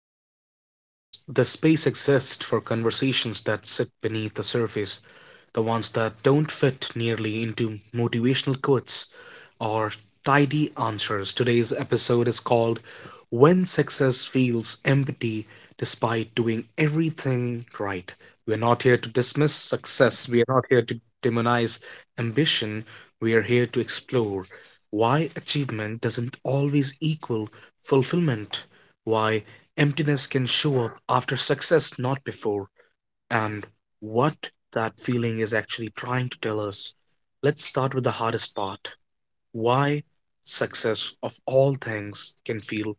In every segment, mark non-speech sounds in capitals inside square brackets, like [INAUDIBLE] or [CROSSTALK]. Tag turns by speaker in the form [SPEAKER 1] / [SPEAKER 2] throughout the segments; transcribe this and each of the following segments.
[SPEAKER 1] Pranshu Gill, and this the space exists for conversations that sit beneath the surface, the ones that don't fit nearly into motivational quotes or tidy answers. Today's episode is called "When Success Feels Empty Despite Doing Everything Right." We're not here to dismiss success, we are not here to demonize ambition, we are here to explore why achievement doesn't always equal fulfillment, why emptiness can show up after success, not before. And what that feeling is actually trying to tell us. Let's start with the hardest part. Why success of all things can feel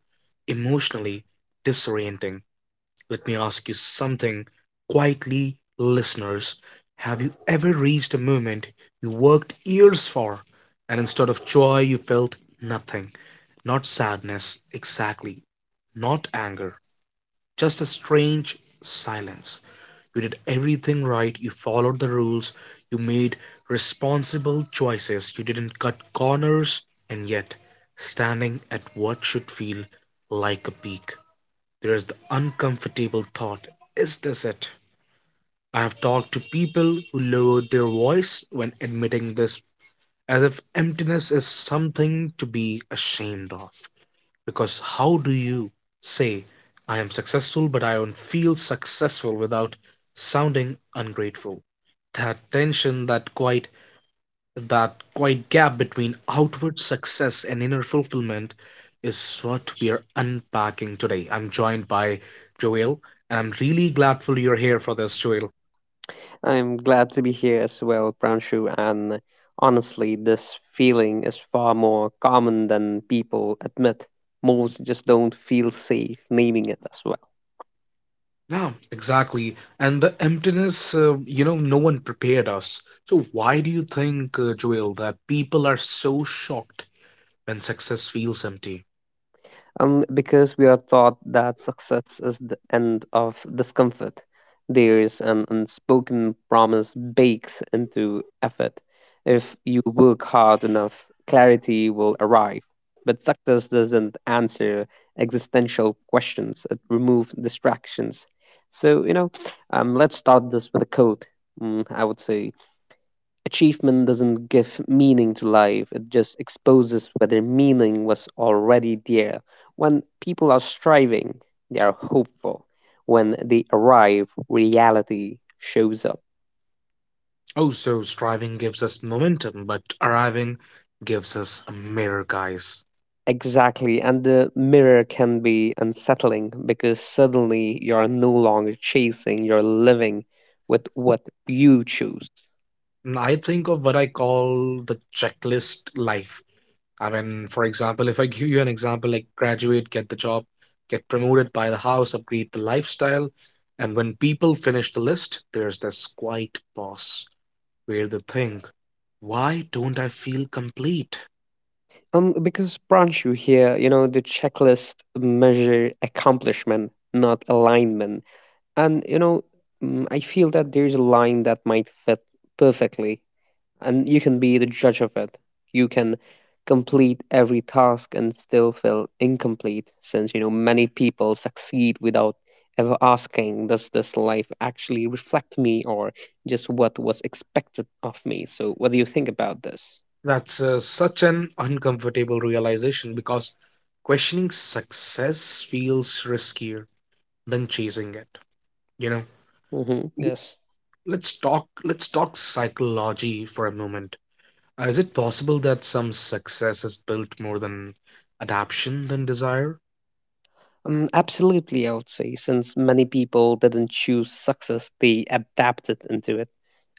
[SPEAKER 1] emotionally disorienting. Let me ask you something quietly, listeners. Have you ever reached a moment you worked years for, and instead of joy, you felt nothing? Not sadness, exactly, not anger, just a strange silence. You did everything right. You followed the rules. You made responsible choices. You didn't cut corners. And yet, standing at what should feel like a peak, there is the uncomfortable thought: is this it? I have talked to people who lowered their voice when admitting this, as if emptiness is something to be ashamed of. Because how do you say, I am successful, but I don't feel successful, without sounding ungrateful? That tension, that quite gap between outward success and inner fulfillment is what we are unpacking today. I'm joined by Joel, and I'm really gladful you're here for this, Joel.
[SPEAKER 2] I'm glad to be here as well, Pranshu, and honestly, this feeling is far more common than people admit. Most just don't feel safe naming it as well.
[SPEAKER 1] Yeah, exactly. And the emptiness, no one prepared us. So why do you think, Joel, that people are so shocked when success feels empty?
[SPEAKER 2] Because we are taught that success is the end of discomfort. There's an unspoken promise baked into effort. If you work hard enough, clarity will arrive. But success doesn't answer existential questions, it removes distractions. So, you know, let's start this with a quote. I would say achievement doesn't give meaning to life, it just exposes whether meaning was already there. When people are striving, they are hopeful. When they arrive, reality shows up.
[SPEAKER 1] Oh, so striving gives us momentum, but arriving gives us a mirror, guys.
[SPEAKER 2] Exactly, and the mirror can be unsettling because suddenly you're no longer chasing, you're living with what you choose.
[SPEAKER 1] And I think of what I call the checklist life. I mean, for example, if I give you an example like graduate, get the job, get promoted, buy the house, upgrade the lifestyle, and when people finish the list, there's this quiet pause where they think, why don't I feel complete?
[SPEAKER 2] Because Pranshu here, the checklist measure accomplishment, not alignment. And I feel that there's a line that might fit perfectly, and you can be the judge of it. You can complete every task and still feel incomplete, since many people succeed without ever asking, does this life actually reflect me or just what was expected of me? So, what do you think about this?
[SPEAKER 1] That's such an uncomfortable realization because questioning success feels riskier than chasing it. You know,
[SPEAKER 2] Hmm. Yes.
[SPEAKER 1] let's talk psychology for a moment. Is it possible that some success is built more than adaption than desire?
[SPEAKER 2] Absolutely, I would say, since many people didn't choose success, they adapted into it.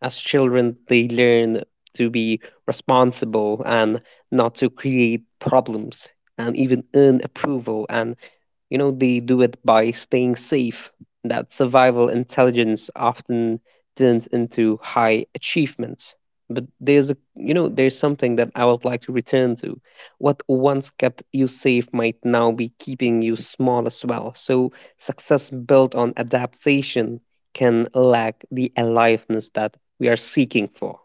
[SPEAKER 2] As children, they learn to be responsible and not to create problems and even earn approval and, they do it by staying safe. That survival intelligence often turns into high achievements. But there's a, there's something that I would like to return to. What once kept you safe might now be keeping you small as well. So success built on adaptation can lack the aliveness that we are seeking for.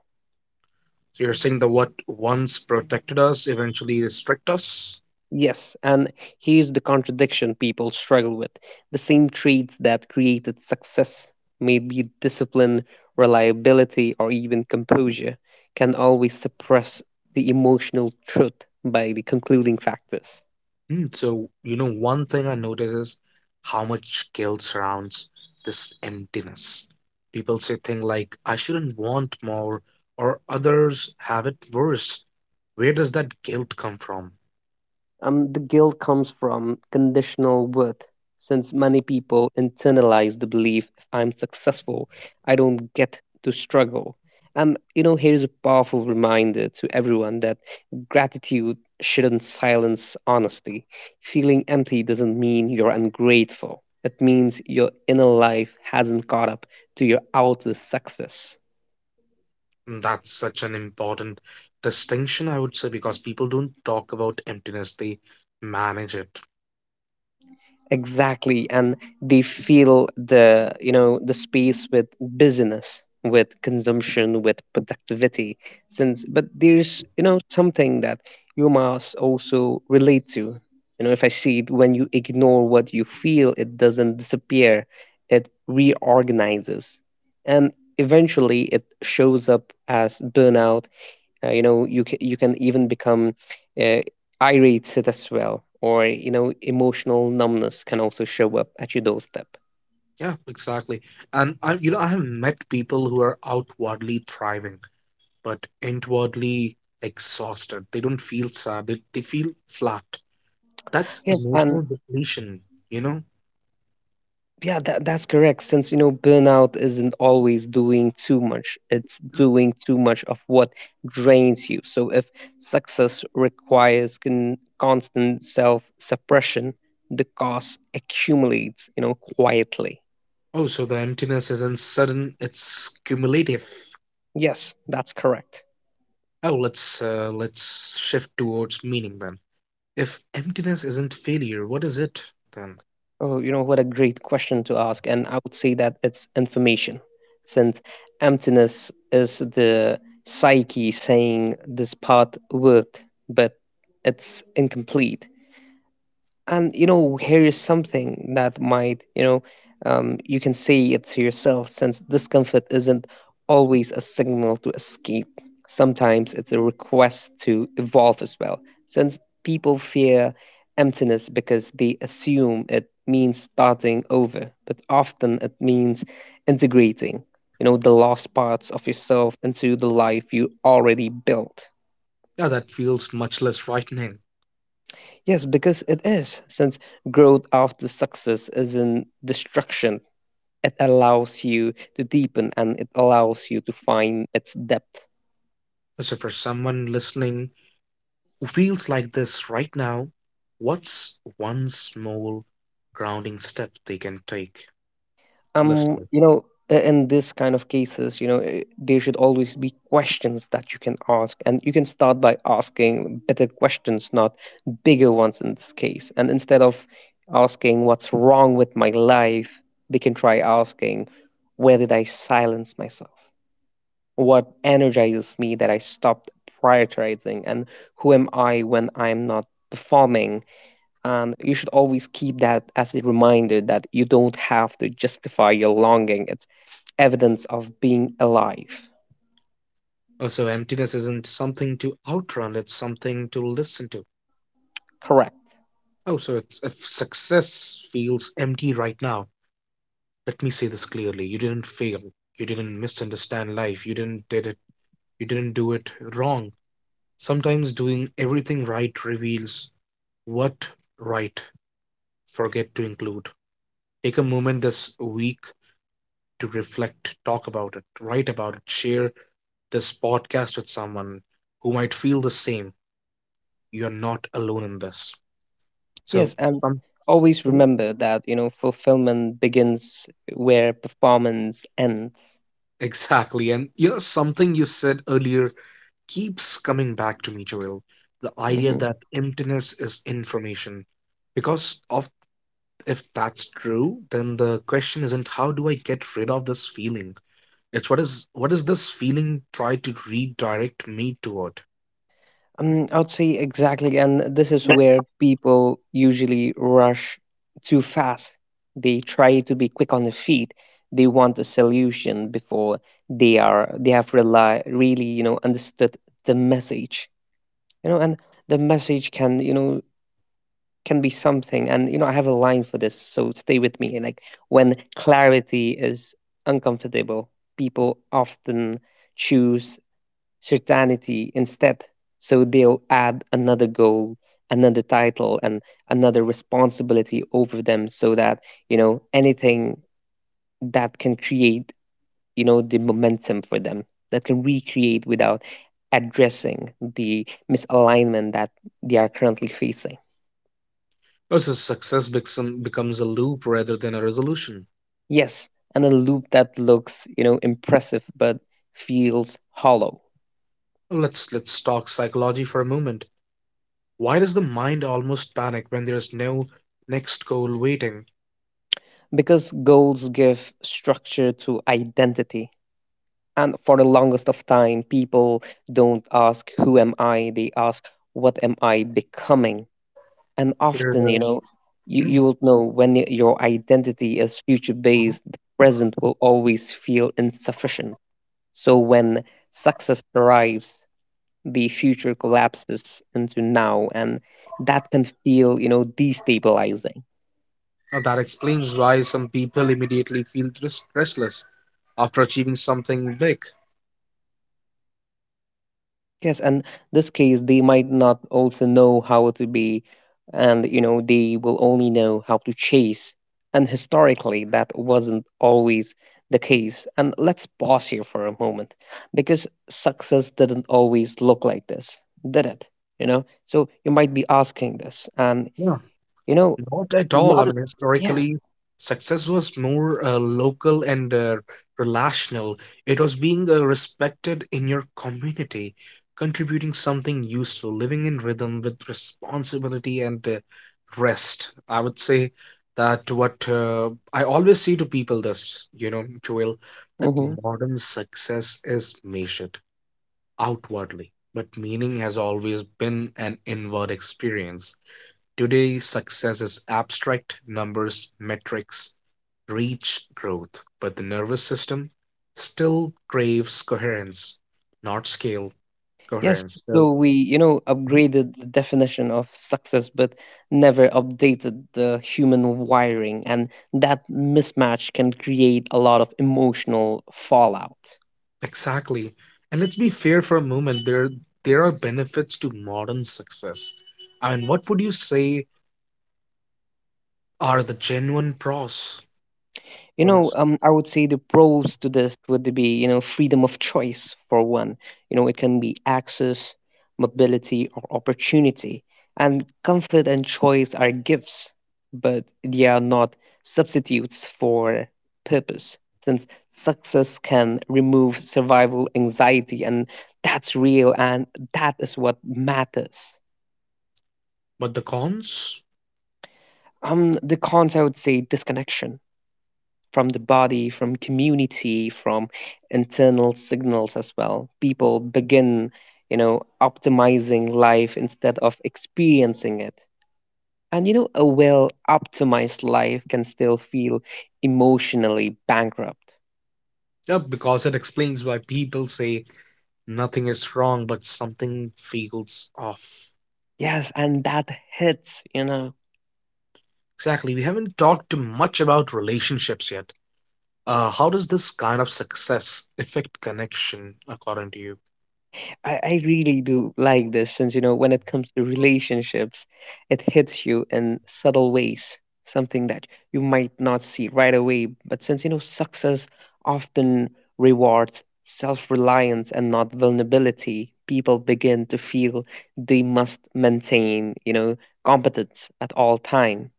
[SPEAKER 1] So you're saying that what once protected us eventually restrict us?
[SPEAKER 2] Yes, and here's the contradiction people struggle with. The same traits that created success, maybe discipline, reliability, or even composure, can always suppress the emotional truth by the concluding factors.
[SPEAKER 1] So, you know, one thing I notice is how much guilt surrounds this emptiness. People say things like, I shouldn't want more, or others have it worse. Where does that guilt come from?
[SPEAKER 2] The guilt comes from conditional worth, since many people internalize the belief if I'm successful, I don't get to struggle. And here's a powerful reminder to everyone that gratitude shouldn't silence honesty. Feeling empty doesn't mean you're ungrateful. It means your inner life hasn't caught up to your outer success.
[SPEAKER 1] And that's such an important distinction, I would say, because people don't talk about emptiness, they manage it.
[SPEAKER 2] Exactly. And they feel the, the space with business, with consumption, with productivity, since but there's, something that you must also relate to. You know, if I see it, when you ignore what you feel, it doesn't disappear, it reorganizes, and eventually it shows up as burnout. You know, you can even become uh, irate it as well. Or, emotional numbness can also show up at your doorstep.
[SPEAKER 1] Yeah, exactly. And I have met people who are outwardly thriving but inwardly exhausted. They don't feel sad, they feel flat. That's
[SPEAKER 2] Yes, and
[SPEAKER 1] emotional depletion, you know?
[SPEAKER 2] yeah, that's correct, since burnout isn't always doing too much, it's doing too much of what drains you. So if success requires constant self suppression, the cost accumulates, quietly.
[SPEAKER 1] Oh, so the emptiness isn't sudden, it's cumulative.
[SPEAKER 2] Yes, that's correct.
[SPEAKER 1] Oh, let's shift towards meaning then. If emptiness isn't failure, what is it then?
[SPEAKER 2] Oh, you know what a great question to ask, and I would say that it's information, since emptiness is the psyche saying this path worked, but it's incomplete. And here is something that might, you can say it to yourself, since discomfort isn't always a signal to escape. Sometimes it's a request to evolve as well. Since people fear emptiness because they assume it means starting over, but often it means integrating, the lost parts of yourself into the life you already built.
[SPEAKER 1] Yeah, that feels much less frightening.
[SPEAKER 2] Yes, because it is. Since growth after success is in destruction, it allows you to deepen and it allows you to find its depth.
[SPEAKER 1] So for someone listening who feels like this right now, what's one small grounding step they can take? The listener.
[SPEAKER 2] You know, in this kind of cases, eh, there should always be questions that you can ask, and you can start by asking better questions, not bigger ones in this case. And instead of asking what's wrong with my life, they can try asking, where did I silence myself? What energizes me that I stopped prioritizing? And who am I when I'm not performing? And you should always keep that as a reminder that you don't have to justify your longing. It's evidence of being alive.
[SPEAKER 1] Oh, so emptiness isn't something to outrun, it's something to listen to.
[SPEAKER 2] Correct.
[SPEAKER 1] Oh, so if success feels empty right now, let me say this clearly. You didn't fail. You didn't misunderstand life. You didn't did it. You didn't do it wrong. Sometimes doing everything right reveals what right forget to include. Take a moment this week to reflect, talk about it, write about it, share this podcast with someone who might feel the same. You're not alone in this. So
[SPEAKER 2] Yes, and
[SPEAKER 1] Some
[SPEAKER 2] always remember that, fulfillment begins where performance ends.
[SPEAKER 1] Exactly, and you know something you said earlier keeps coming back to me, Joel. The idea
[SPEAKER 2] Mhm.
[SPEAKER 1] that emptiness is information, because of if that's true, then the question isn't, how do I get rid of this feeling? It's what is this feeling try to redirect me toward?
[SPEAKER 2] I would say exactly, and this is where people usually rush too fast. They try to be quick on the feet. They want a solution before they have really, understood the message. And the message can, can be something. And you know, I have a line for this, so stay with me. Like when clarity is uncomfortable, people often choose certainty instead. So they'll add another goal, another title, and another responsibility over them so that, anything that can create, the momentum for them, that can recreate without addressing the misalignment that they are currently facing.
[SPEAKER 1] Versus success becomes a loop rather than a resolution.
[SPEAKER 2] Yes, and a loop that looks, impressive but feels hollow,
[SPEAKER 1] Let's talk psychology for a moment. Why does the mind almost panic when there's no next goal waiting?
[SPEAKER 2] because goals give structure to identity. And for the longest of time, people don't ask, who am I? They ask, what am I becoming? And often,
[SPEAKER 1] There, uh, [CLEARS THROAT]
[SPEAKER 2] you will know when your identity is future
[SPEAKER 1] uh,
[SPEAKER 2] based, the present will always feel insufficient. So when success arrives, the future collapses into now. And that can feel, destabilizing.
[SPEAKER 1] that explains why some people immediately feel restless after achieving something big.
[SPEAKER 2] Yes, and this case, they might not also know how to be, and they will only know how to chase. And historically, that wasn't always the case. And let's pause here for a moment, because success didn't always look like this, did it? You know, so you might be asking this, and you know,
[SPEAKER 1] Not at all. I
[SPEAKER 2] not
[SPEAKER 1] mean,
[SPEAKER 2] yes,
[SPEAKER 1] historically, success was more local and relational. It was being respected in your community, contributing something useful, living in rhythm with responsibility and rest. I would say that what I always say to people this, you know, Joel, that
[SPEAKER 2] mhm.
[SPEAKER 1] modern success is measured outwardly, but meaning has always been an inward experience. Today, success is abstract, numbers, metrics, reach, growth, but the nervous system still craves coherence, not scale,
[SPEAKER 2] Yes,
[SPEAKER 1] coherence. So.
[SPEAKER 2] so we,
[SPEAKER 1] Mhm.
[SPEAKER 2] upgraded the definition of success, but never updated the human wiring, and that mismatch can create a lot of emotional fallout.
[SPEAKER 1] Exactly. And let's be fair for a moment. There are benefits to modern success. I mean, what would you say are the genuine pros for this?
[SPEAKER 2] I would say the pros to this would be, freedom of choice for one. You know, it can be access, mobility, or opportunity. And comfort and choice are gifts, but they are not substitutes for purpose, since success can remove survival anxiety, and that's real, and that is what matters.
[SPEAKER 1] But the cons?
[SPEAKER 2] The cons, I would say, disconnection from the body, from community, from internal signals as well. People begin, optimizing life instead of experiencing it. And a well optimized life can still feel emotionally bankrupt.
[SPEAKER 1] Yeah, because it explains why people say nothing is wrong, but something feels off.
[SPEAKER 2] Yes, and that hits, you know.
[SPEAKER 1] Exactly. We haven't talked much about relationships yet. How does this kind of success affect connection, according to you?
[SPEAKER 2] I really do like this since, when it comes to relationships, it hits you in subtle ways, something that you might not see right away. But since, success often rewards self reliance and not vulnerability, people begin to feel they must maintain, competence at all times.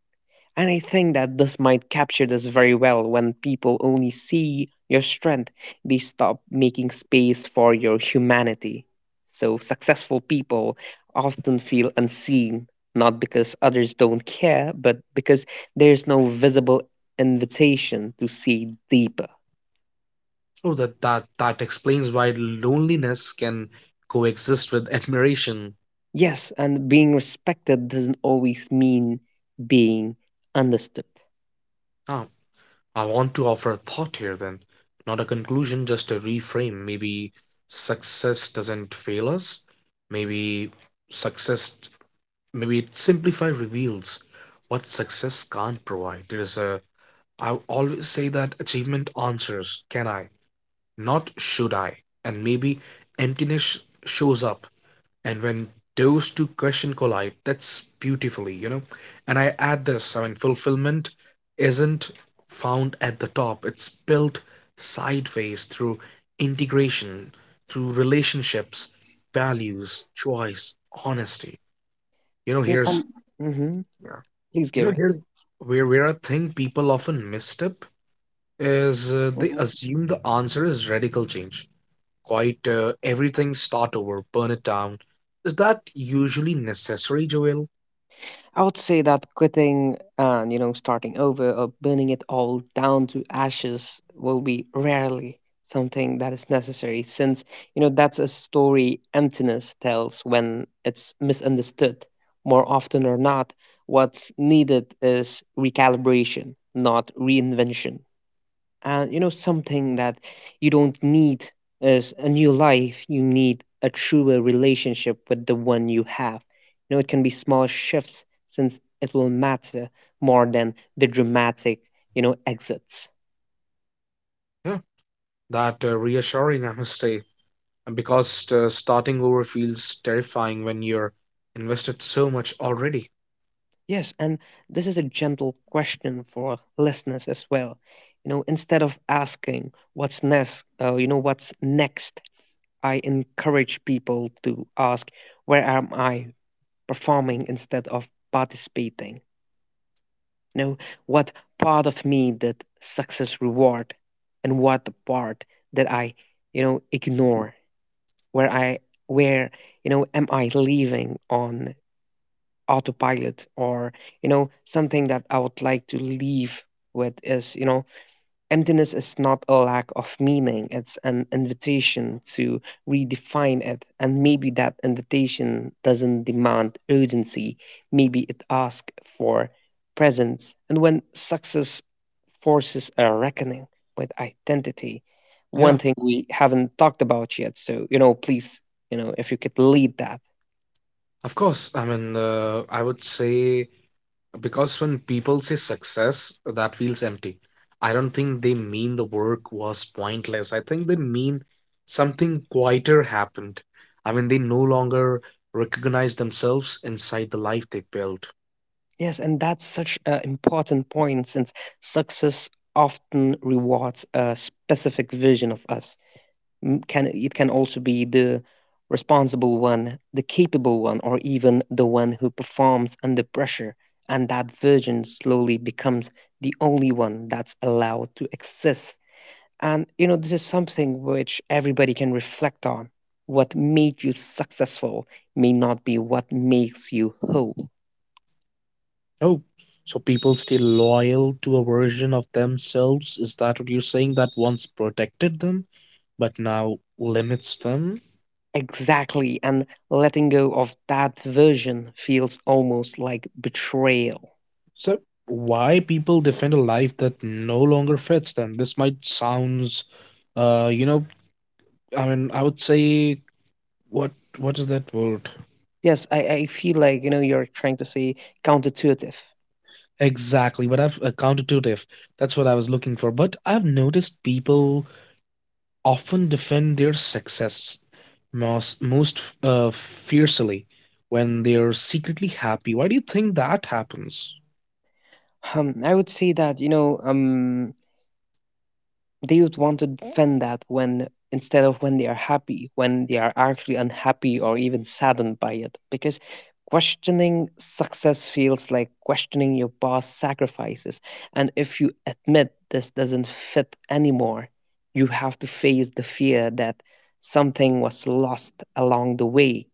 [SPEAKER 2] And I think that this might capture this very well: when people only see your strength, they stop making space for your humanity. So successful people often feel unseen, not because others don't care, but because there's no visible invitation to see deeper.
[SPEAKER 1] Oh, that explains why loneliness can coexist with admiration.
[SPEAKER 2] Yes, and being respected doesn't always mean being understood.
[SPEAKER 1] Ah, I want to offer a thought here then, not a conclusion, just a reframe. Maybe success doesn't fail us. Maybe success, maybe it simplify reveals what success can't provide. There's a I always say that achievement answers, can I, not should I? And maybe emptiness shows up. And when those two questions collide, that's beautifully. And I add this, I mean, fulfillment isn't found at the top, it's built sideways through integration, through relationships, values, choice, honesty. You know,
[SPEAKER 2] Yeah. And hmm. Please
[SPEAKER 1] you
[SPEAKER 2] give it.
[SPEAKER 1] here where I think people often misstep is they assume the answer is radical change. Quite everything, start over, burn it down. Is that usually necessary, Joel?
[SPEAKER 2] I would say that quitting and, starting over or burning it all down to ashes will be rarely something that is necessary, since, that's a story emptiness tells when it's misunderstood. More often or not, what's needed is recalibration, not reinvention. And you know, something that you don't need is a new life. You need a truer relationship with the one you have. You know, it can be small shifts, since it will matter more than the dramatic, you know, exits.
[SPEAKER 1] Yeah, that reassuring, I must say. And because starting over feels terrifying when you're invested so much already.
[SPEAKER 2] Yes, and this is a gentle question for listeners as well. You know, instead of asking what's next, you know, what's next, I encourage people to ask, where am I performing instead of participating? You know, what part of me that success reward, and what the part that I, ignore, where I, where, am I leaving on autopilot, or, something that I would like to leave with is, you know, emptiness is not a lack of meaning, it's an invitation to redefine it. And maybe that invitation doesn't demand urgency, maybe it asks for presence. And when success forces a reckoning with identity,
[SPEAKER 1] Yeah,
[SPEAKER 2] one thing we haven't talked about yet, so you know, please, if you could lead that.
[SPEAKER 1] of course. I mean, I would say, because when people say success that feels empty, I don't think they mean the work was pointless. I think they mean something quieter happened. I mean, they no longer recognize themselves inside the life they built.
[SPEAKER 2] Yes, and that's such an important point, since success often rewards a specific vision of us. Can it, can also be the responsible one, the capable one, or even the one who performs under pressure, and that version slowly becomes the only one that's allowed to exist. And you know, this is something which everybody can reflect on. What made you successful may not be what makes you whole.
[SPEAKER 1] Oh, so people stay loyal to a version of themselves, is that what you're saying, that once protected them but now limits them?
[SPEAKER 2] Exactly, and letting go of that version feels almost like betrayal.
[SPEAKER 1] So, why people defend a life that no longer fits them, this might sounds uh, you know, I mean, I would say, what what is that word?
[SPEAKER 2] Yes, I feel like, you're trying to say counterintuitive.
[SPEAKER 1] Exactly, but I've counterintuitive. That's what I was looking for. But I've noticed people often defend their success most fiercely when they're secretly happy. Why do you think that happens?
[SPEAKER 2] I would say that, the youth want to Okay. defend that when instead of when they are happy, when they are actually unhappy or even saddened by it. Because questioning success feels like questioning your past sacrifices. And if you admit this doesn't fit anymore, you have to face the fear that something was lost along the way.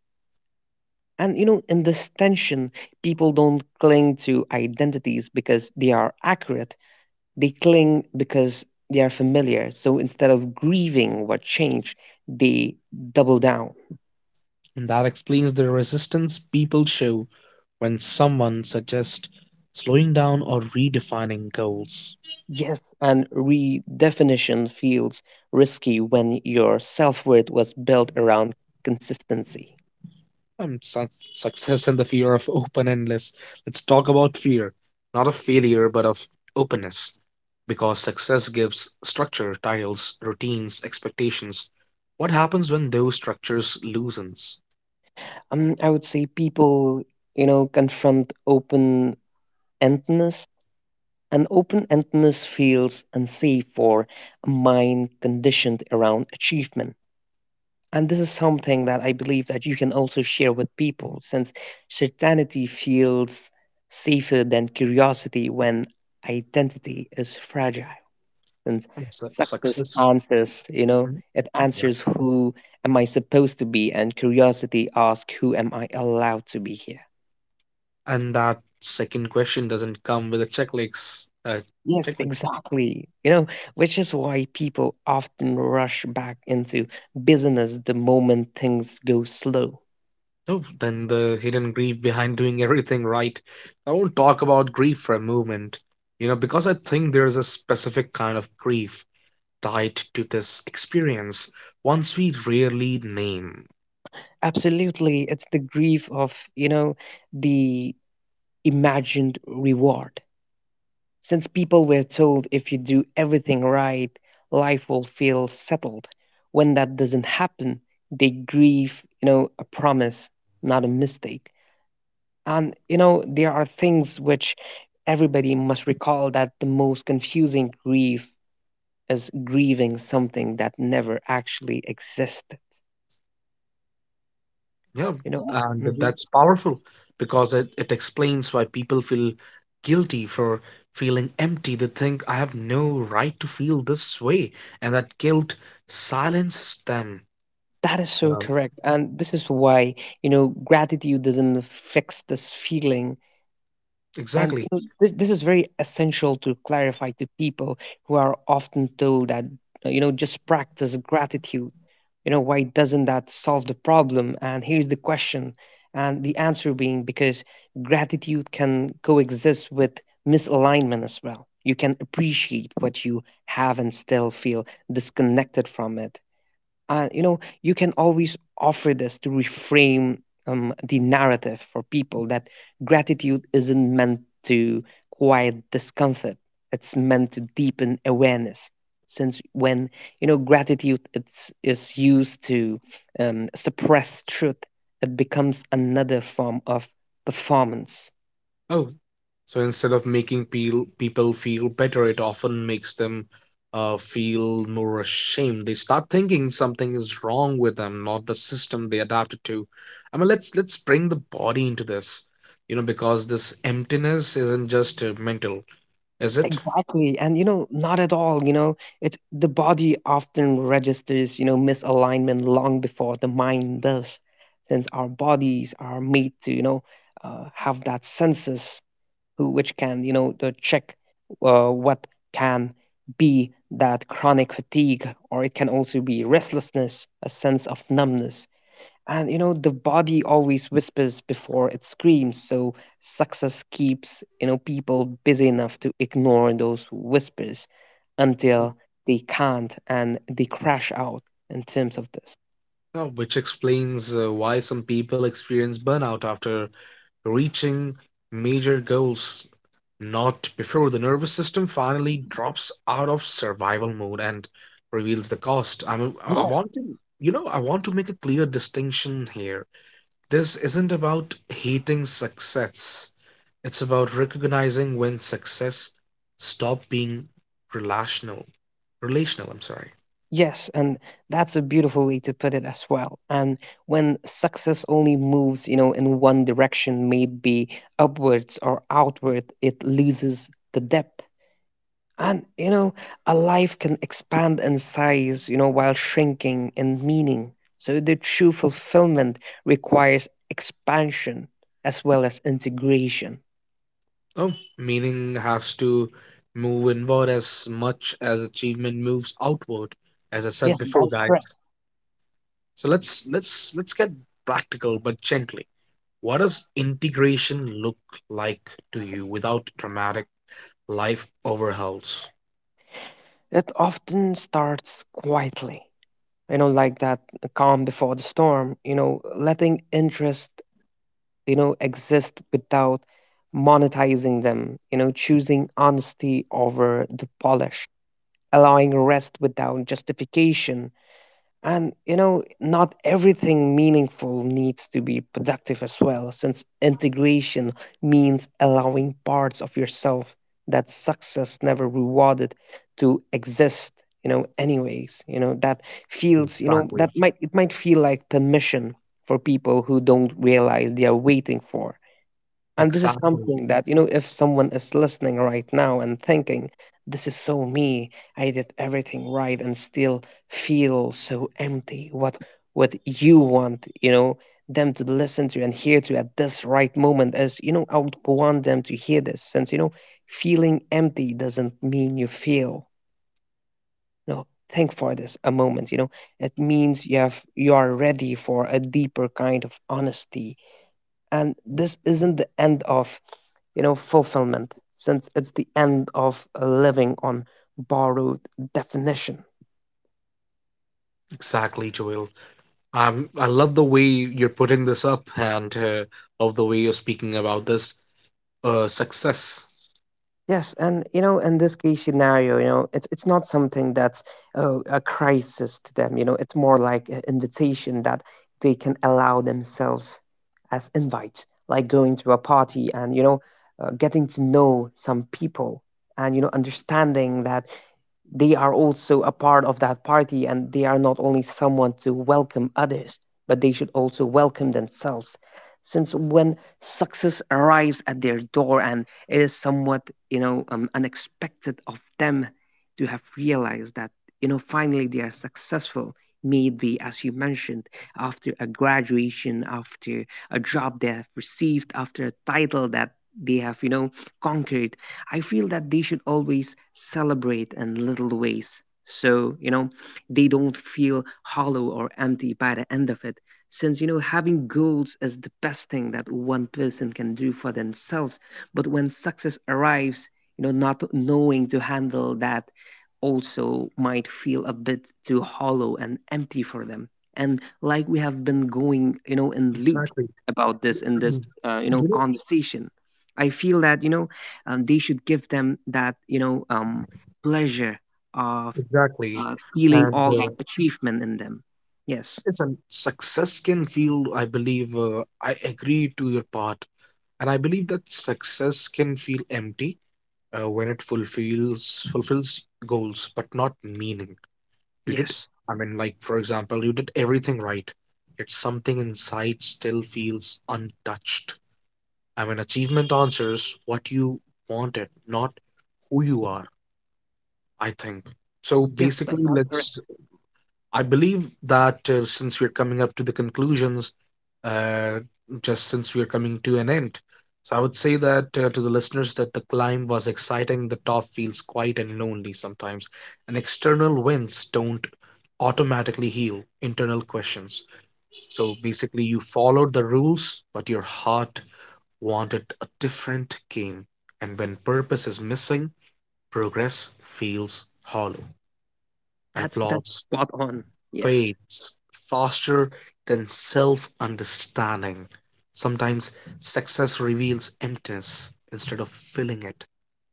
[SPEAKER 2] And you know, in this tension, people don't cling to identities because they are accurate, they cling because they are familiar. So instead of grieving what changed, they double down.
[SPEAKER 1] And that explains the resistance people show when someone suggests slowing down or redefining goals.
[SPEAKER 2] Yes, and redefinition feels risky when your self worth was built around consistency.
[SPEAKER 1] Um, su- Success and the fear of open endless. Let's talk about fear, not of failure, but of openness. Because success gives structure, titles, routines, expectations. What happens when those structures loosens?
[SPEAKER 2] I would say people, you know, confront open endedness, and open endedness feels unsafe for a mind conditioned around achievement. And this is something that I believe that you can also share with people, since certainty feels safer than curiosity when identity is fragile. Since success
[SPEAKER 1] Success.
[SPEAKER 2] answers, you know,
[SPEAKER 1] Mhm.
[SPEAKER 2] it
[SPEAKER 1] Yeah.
[SPEAKER 2] answers who am I supposed to be, and curiosity asks who am I allowed to be here.
[SPEAKER 1] And that second question doesn't come with a checklist.
[SPEAKER 2] Yes,
[SPEAKER 1] Checklist.
[SPEAKER 2] exactly. You know, which is why people often rush back into business the moment things go slow.
[SPEAKER 1] No, then the hidden grief behind doing everything right. I won't talk about grief for a moment, you know, because I think there's a specific kind of grief tied to this experience, once we rarely name.
[SPEAKER 2] Absolutely, it's the grief of, you know, the imagined reward. Since people were told if you do everything right, life will feel settled. When that doesn't happen, they grieve, you know, a promise, not a mistake. And, you know, there are things which everybody must recall, that the most confusing grief is grieving something that never actually existed,
[SPEAKER 1] Yeah,
[SPEAKER 2] you know?
[SPEAKER 1] and that's powerful because it explains why people feel guilty for feeling empty. They think, I have no right to feel this way, and that guilt silences them.
[SPEAKER 2] That is so
[SPEAKER 1] Um,
[SPEAKER 2] correct. And this is why, you know, gratitude doesn't fix this feeling. And you
[SPEAKER 1] exactly.
[SPEAKER 2] know, this is very essential to clarify to people who are often told that, you know, just practice gratitude. You know, why doesn't that solve the problem? And here's the question. And the answer being because gratitude can coexist with misalignment as well. You can appreciate what you have and still feel disconnected from it. You know, you can always offer this to reframe the narrative for people, that gratitude isn't meant to quiet discomfort. It's meant to deepen awareness. Since when you know gratitude is used to suppress truth, it becomes another form of performance.
[SPEAKER 1] Oh, so instead of making peel people feel better, it often makes them feel more ashamed. They start thinking something is wrong with them, not the system they adapted to. I mean, let's bring the body into this, you know, because this emptiness isn't just mental, is it?
[SPEAKER 2] Exactly. And, you know, not at all. You know, it, the body often registers, you know, misalignment long before the mind does, since our bodies are made to, you know, have that senses who which can, you know, to check what can be that chronic fatigue, or it can also be restlessness, a sense of numbness, and you know, the body always whispers before it screams, so success keeps, you know, people busy enough to ignore those whispers until they can't, and they crash out in terms of this.
[SPEAKER 1] Which explains why some people experience burnout after reaching major goals, not before the nervous system finally drops out of survival mode and reveals the cost. I mean, I I
[SPEAKER 2] Yes.
[SPEAKER 1] want to, you know, I want to make a clear distinction here. This isn't about hating success. It's about recognizing when success stop being relational. Relational, I'm sorry.
[SPEAKER 2] Yes, and that's a beautiful way to put it as well. And when success only moves, you know, in one direction, maybe upwards or outward, it loses the depth. And you know, a life can expand in size, you know, while shrinking in meaning. So the true fulfillment requires expansion as well as integration.
[SPEAKER 1] Oh, meaning has to move inward as much as achievement moves outward. As I said
[SPEAKER 2] Yes,
[SPEAKER 1] before,
[SPEAKER 2] that's correct.
[SPEAKER 1] guys. So let's get practical but gently. What does integration look like to you without dramatic life overhauls?
[SPEAKER 2] It often starts quietly, you know, like that calm before the storm, you know, letting interest you know exist without monetizing them, you know, choosing honesty over the polish, allowing rest without justification, and you know not everything meaningful needs to be productive as well, since integration means allowing parts of yourself that success never rewarded to exist, you know, anyways, you know that feels, you know, that
[SPEAKER 1] Exactly.
[SPEAKER 2] might feel like permission for people who don't realize they are waiting for. And this is
[SPEAKER 1] Exactly.
[SPEAKER 2] something that, you know, if someone is listening right now and thinking, this is so me, I did everything right and still feel so empty, what you want, you know, them to listen to and hear to at this right moment is, you know, I would want them to hear this since, you know, feeling empty doesn't mean you feel. No, think for this a moment, you know. It means you have, you are ready for a deeper kind of honesty. And this isn't the end of, you know, fulfillment, since it's the end of living on borrowed definition.
[SPEAKER 1] Exactly, Joel. I love the way you're putting this up and of the way you're speaking about this success.
[SPEAKER 2] Yes, and you know, in this case scenario, you know, it's not something that's a crisis to them. You know, it's more like an invitation that they can allow themselves as invites, like going to a party and you know, getting to know some people, and you know, understanding that they are also a part of that party and they are not only someone to welcome others, but they should also welcome themselves. Since when success arrives at their door and it is somewhat, you know, unexpected of them to have realized that, you know, finally they are successful, maybe as you mentioned, after a graduation, after a job they have received, after a title that they have, you know, conquered, I feel that they should always celebrate in little ways. So, you know, they don't feel hollow or empty by the end of it. Since, you know, having goals is the best thing that one person can do for themselves. But when success arrives, you know, not knowing to handle that also might feel a bit too hollow and empty for them. And like we have been going, you know, in loops
[SPEAKER 1] Exactly.
[SPEAKER 2] about this in this,
[SPEAKER 1] [CLEARS THROAT]
[SPEAKER 2] you
[SPEAKER 1] Mm.
[SPEAKER 2] know,
[SPEAKER 1] You know,
[SPEAKER 2] conversation, I feel that, you know, they should give them that, you know, pleasure of,
[SPEAKER 1] exactly.
[SPEAKER 2] feeling
[SPEAKER 1] And
[SPEAKER 2] all that achievement in them. Yes,
[SPEAKER 1] listen, success can feel, I believe, I agree to your part, and I believe that success can feel empty when it fulfills goals but not meaning. You did
[SPEAKER 2] yes,
[SPEAKER 1] I mean, like, for example, you did everything right, yet something inside still feels untouched. I mean, achievement answers what you wanted, not who you are. I think, so
[SPEAKER 2] yes. That,
[SPEAKER 1] basically,
[SPEAKER 2] that's correct.
[SPEAKER 1] let's I believe that since we're coming up to the conclusions, uh, just since we're coming to an end, so I would say that to the listeners that the climb was exciting. The top feels quiet and lonely sometimes, and external winds don't automatically heal internal questions. So basically, you followed the rules, but your heart wanted a different game. And when purpose is missing, progress feels hollow. And
[SPEAKER 2] That's
[SPEAKER 1] applause
[SPEAKER 2] spot on. Yes,
[SPEAKER 1] fades faster than self understanding. Sometimes success reveals emptiness instead of filling it,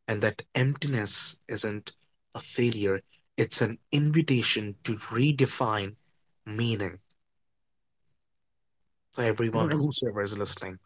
[SPEAKER 1] and that emptiness isn't a failure, it's an invitation to redefine meaning. So,
[SPEAKER 2] you know,
[SPEAKER 1] everyone,
[SPEAKER 2] and
[SPEAKER 1] whosoever is listening,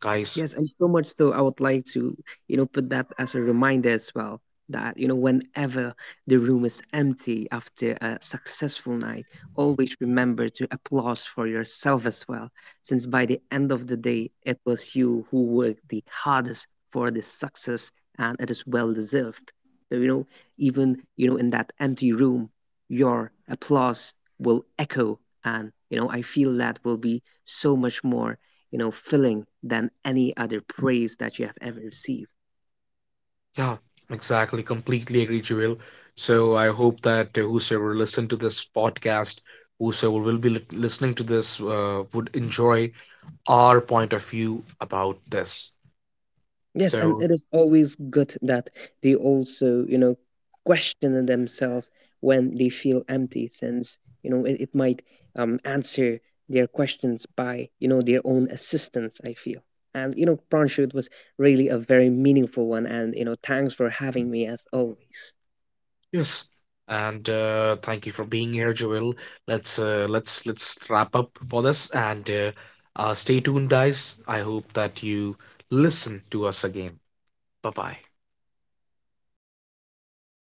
[SPEAKER 1] guys.
[SPEAKER 2] Yes, and so much so I would like to, you know, put that as a reminder as well that, you know, whenever the room is empty after a successful night, always remember to applause for yourself as well, since by the end of the day, it was you who worked the hardest for this success and it is well deserved. So, you know, even, you know, in that empty room, your applause will echo, and, you know, I feel that will be so much more, you know, filling than any other praise that you have ever received.
[SPEAKER 1] Yeah, exactly, completely agree, Jewel. So, I hope that whosoever listened to this podcast, whosoever will be listening to this, would enjoy our point of view about this.
[SPEAKER 2] Yes, and
[SPEAKER 1] So,
[SPEAKER 2] it is always good that they also, you know, question themselves when they feel empty, since, you know, it might answer their questions by, you know, their own assistance, I feel. And, you know, Pranshu, it was really a very meaningful one. And, you know, thanks for having me as always.
[SPEAKER 1] yes, and thank you for being here, Joel. Let's wrap up for this, and stay tuned, guys. I hope that you listen to us again. Bye bye.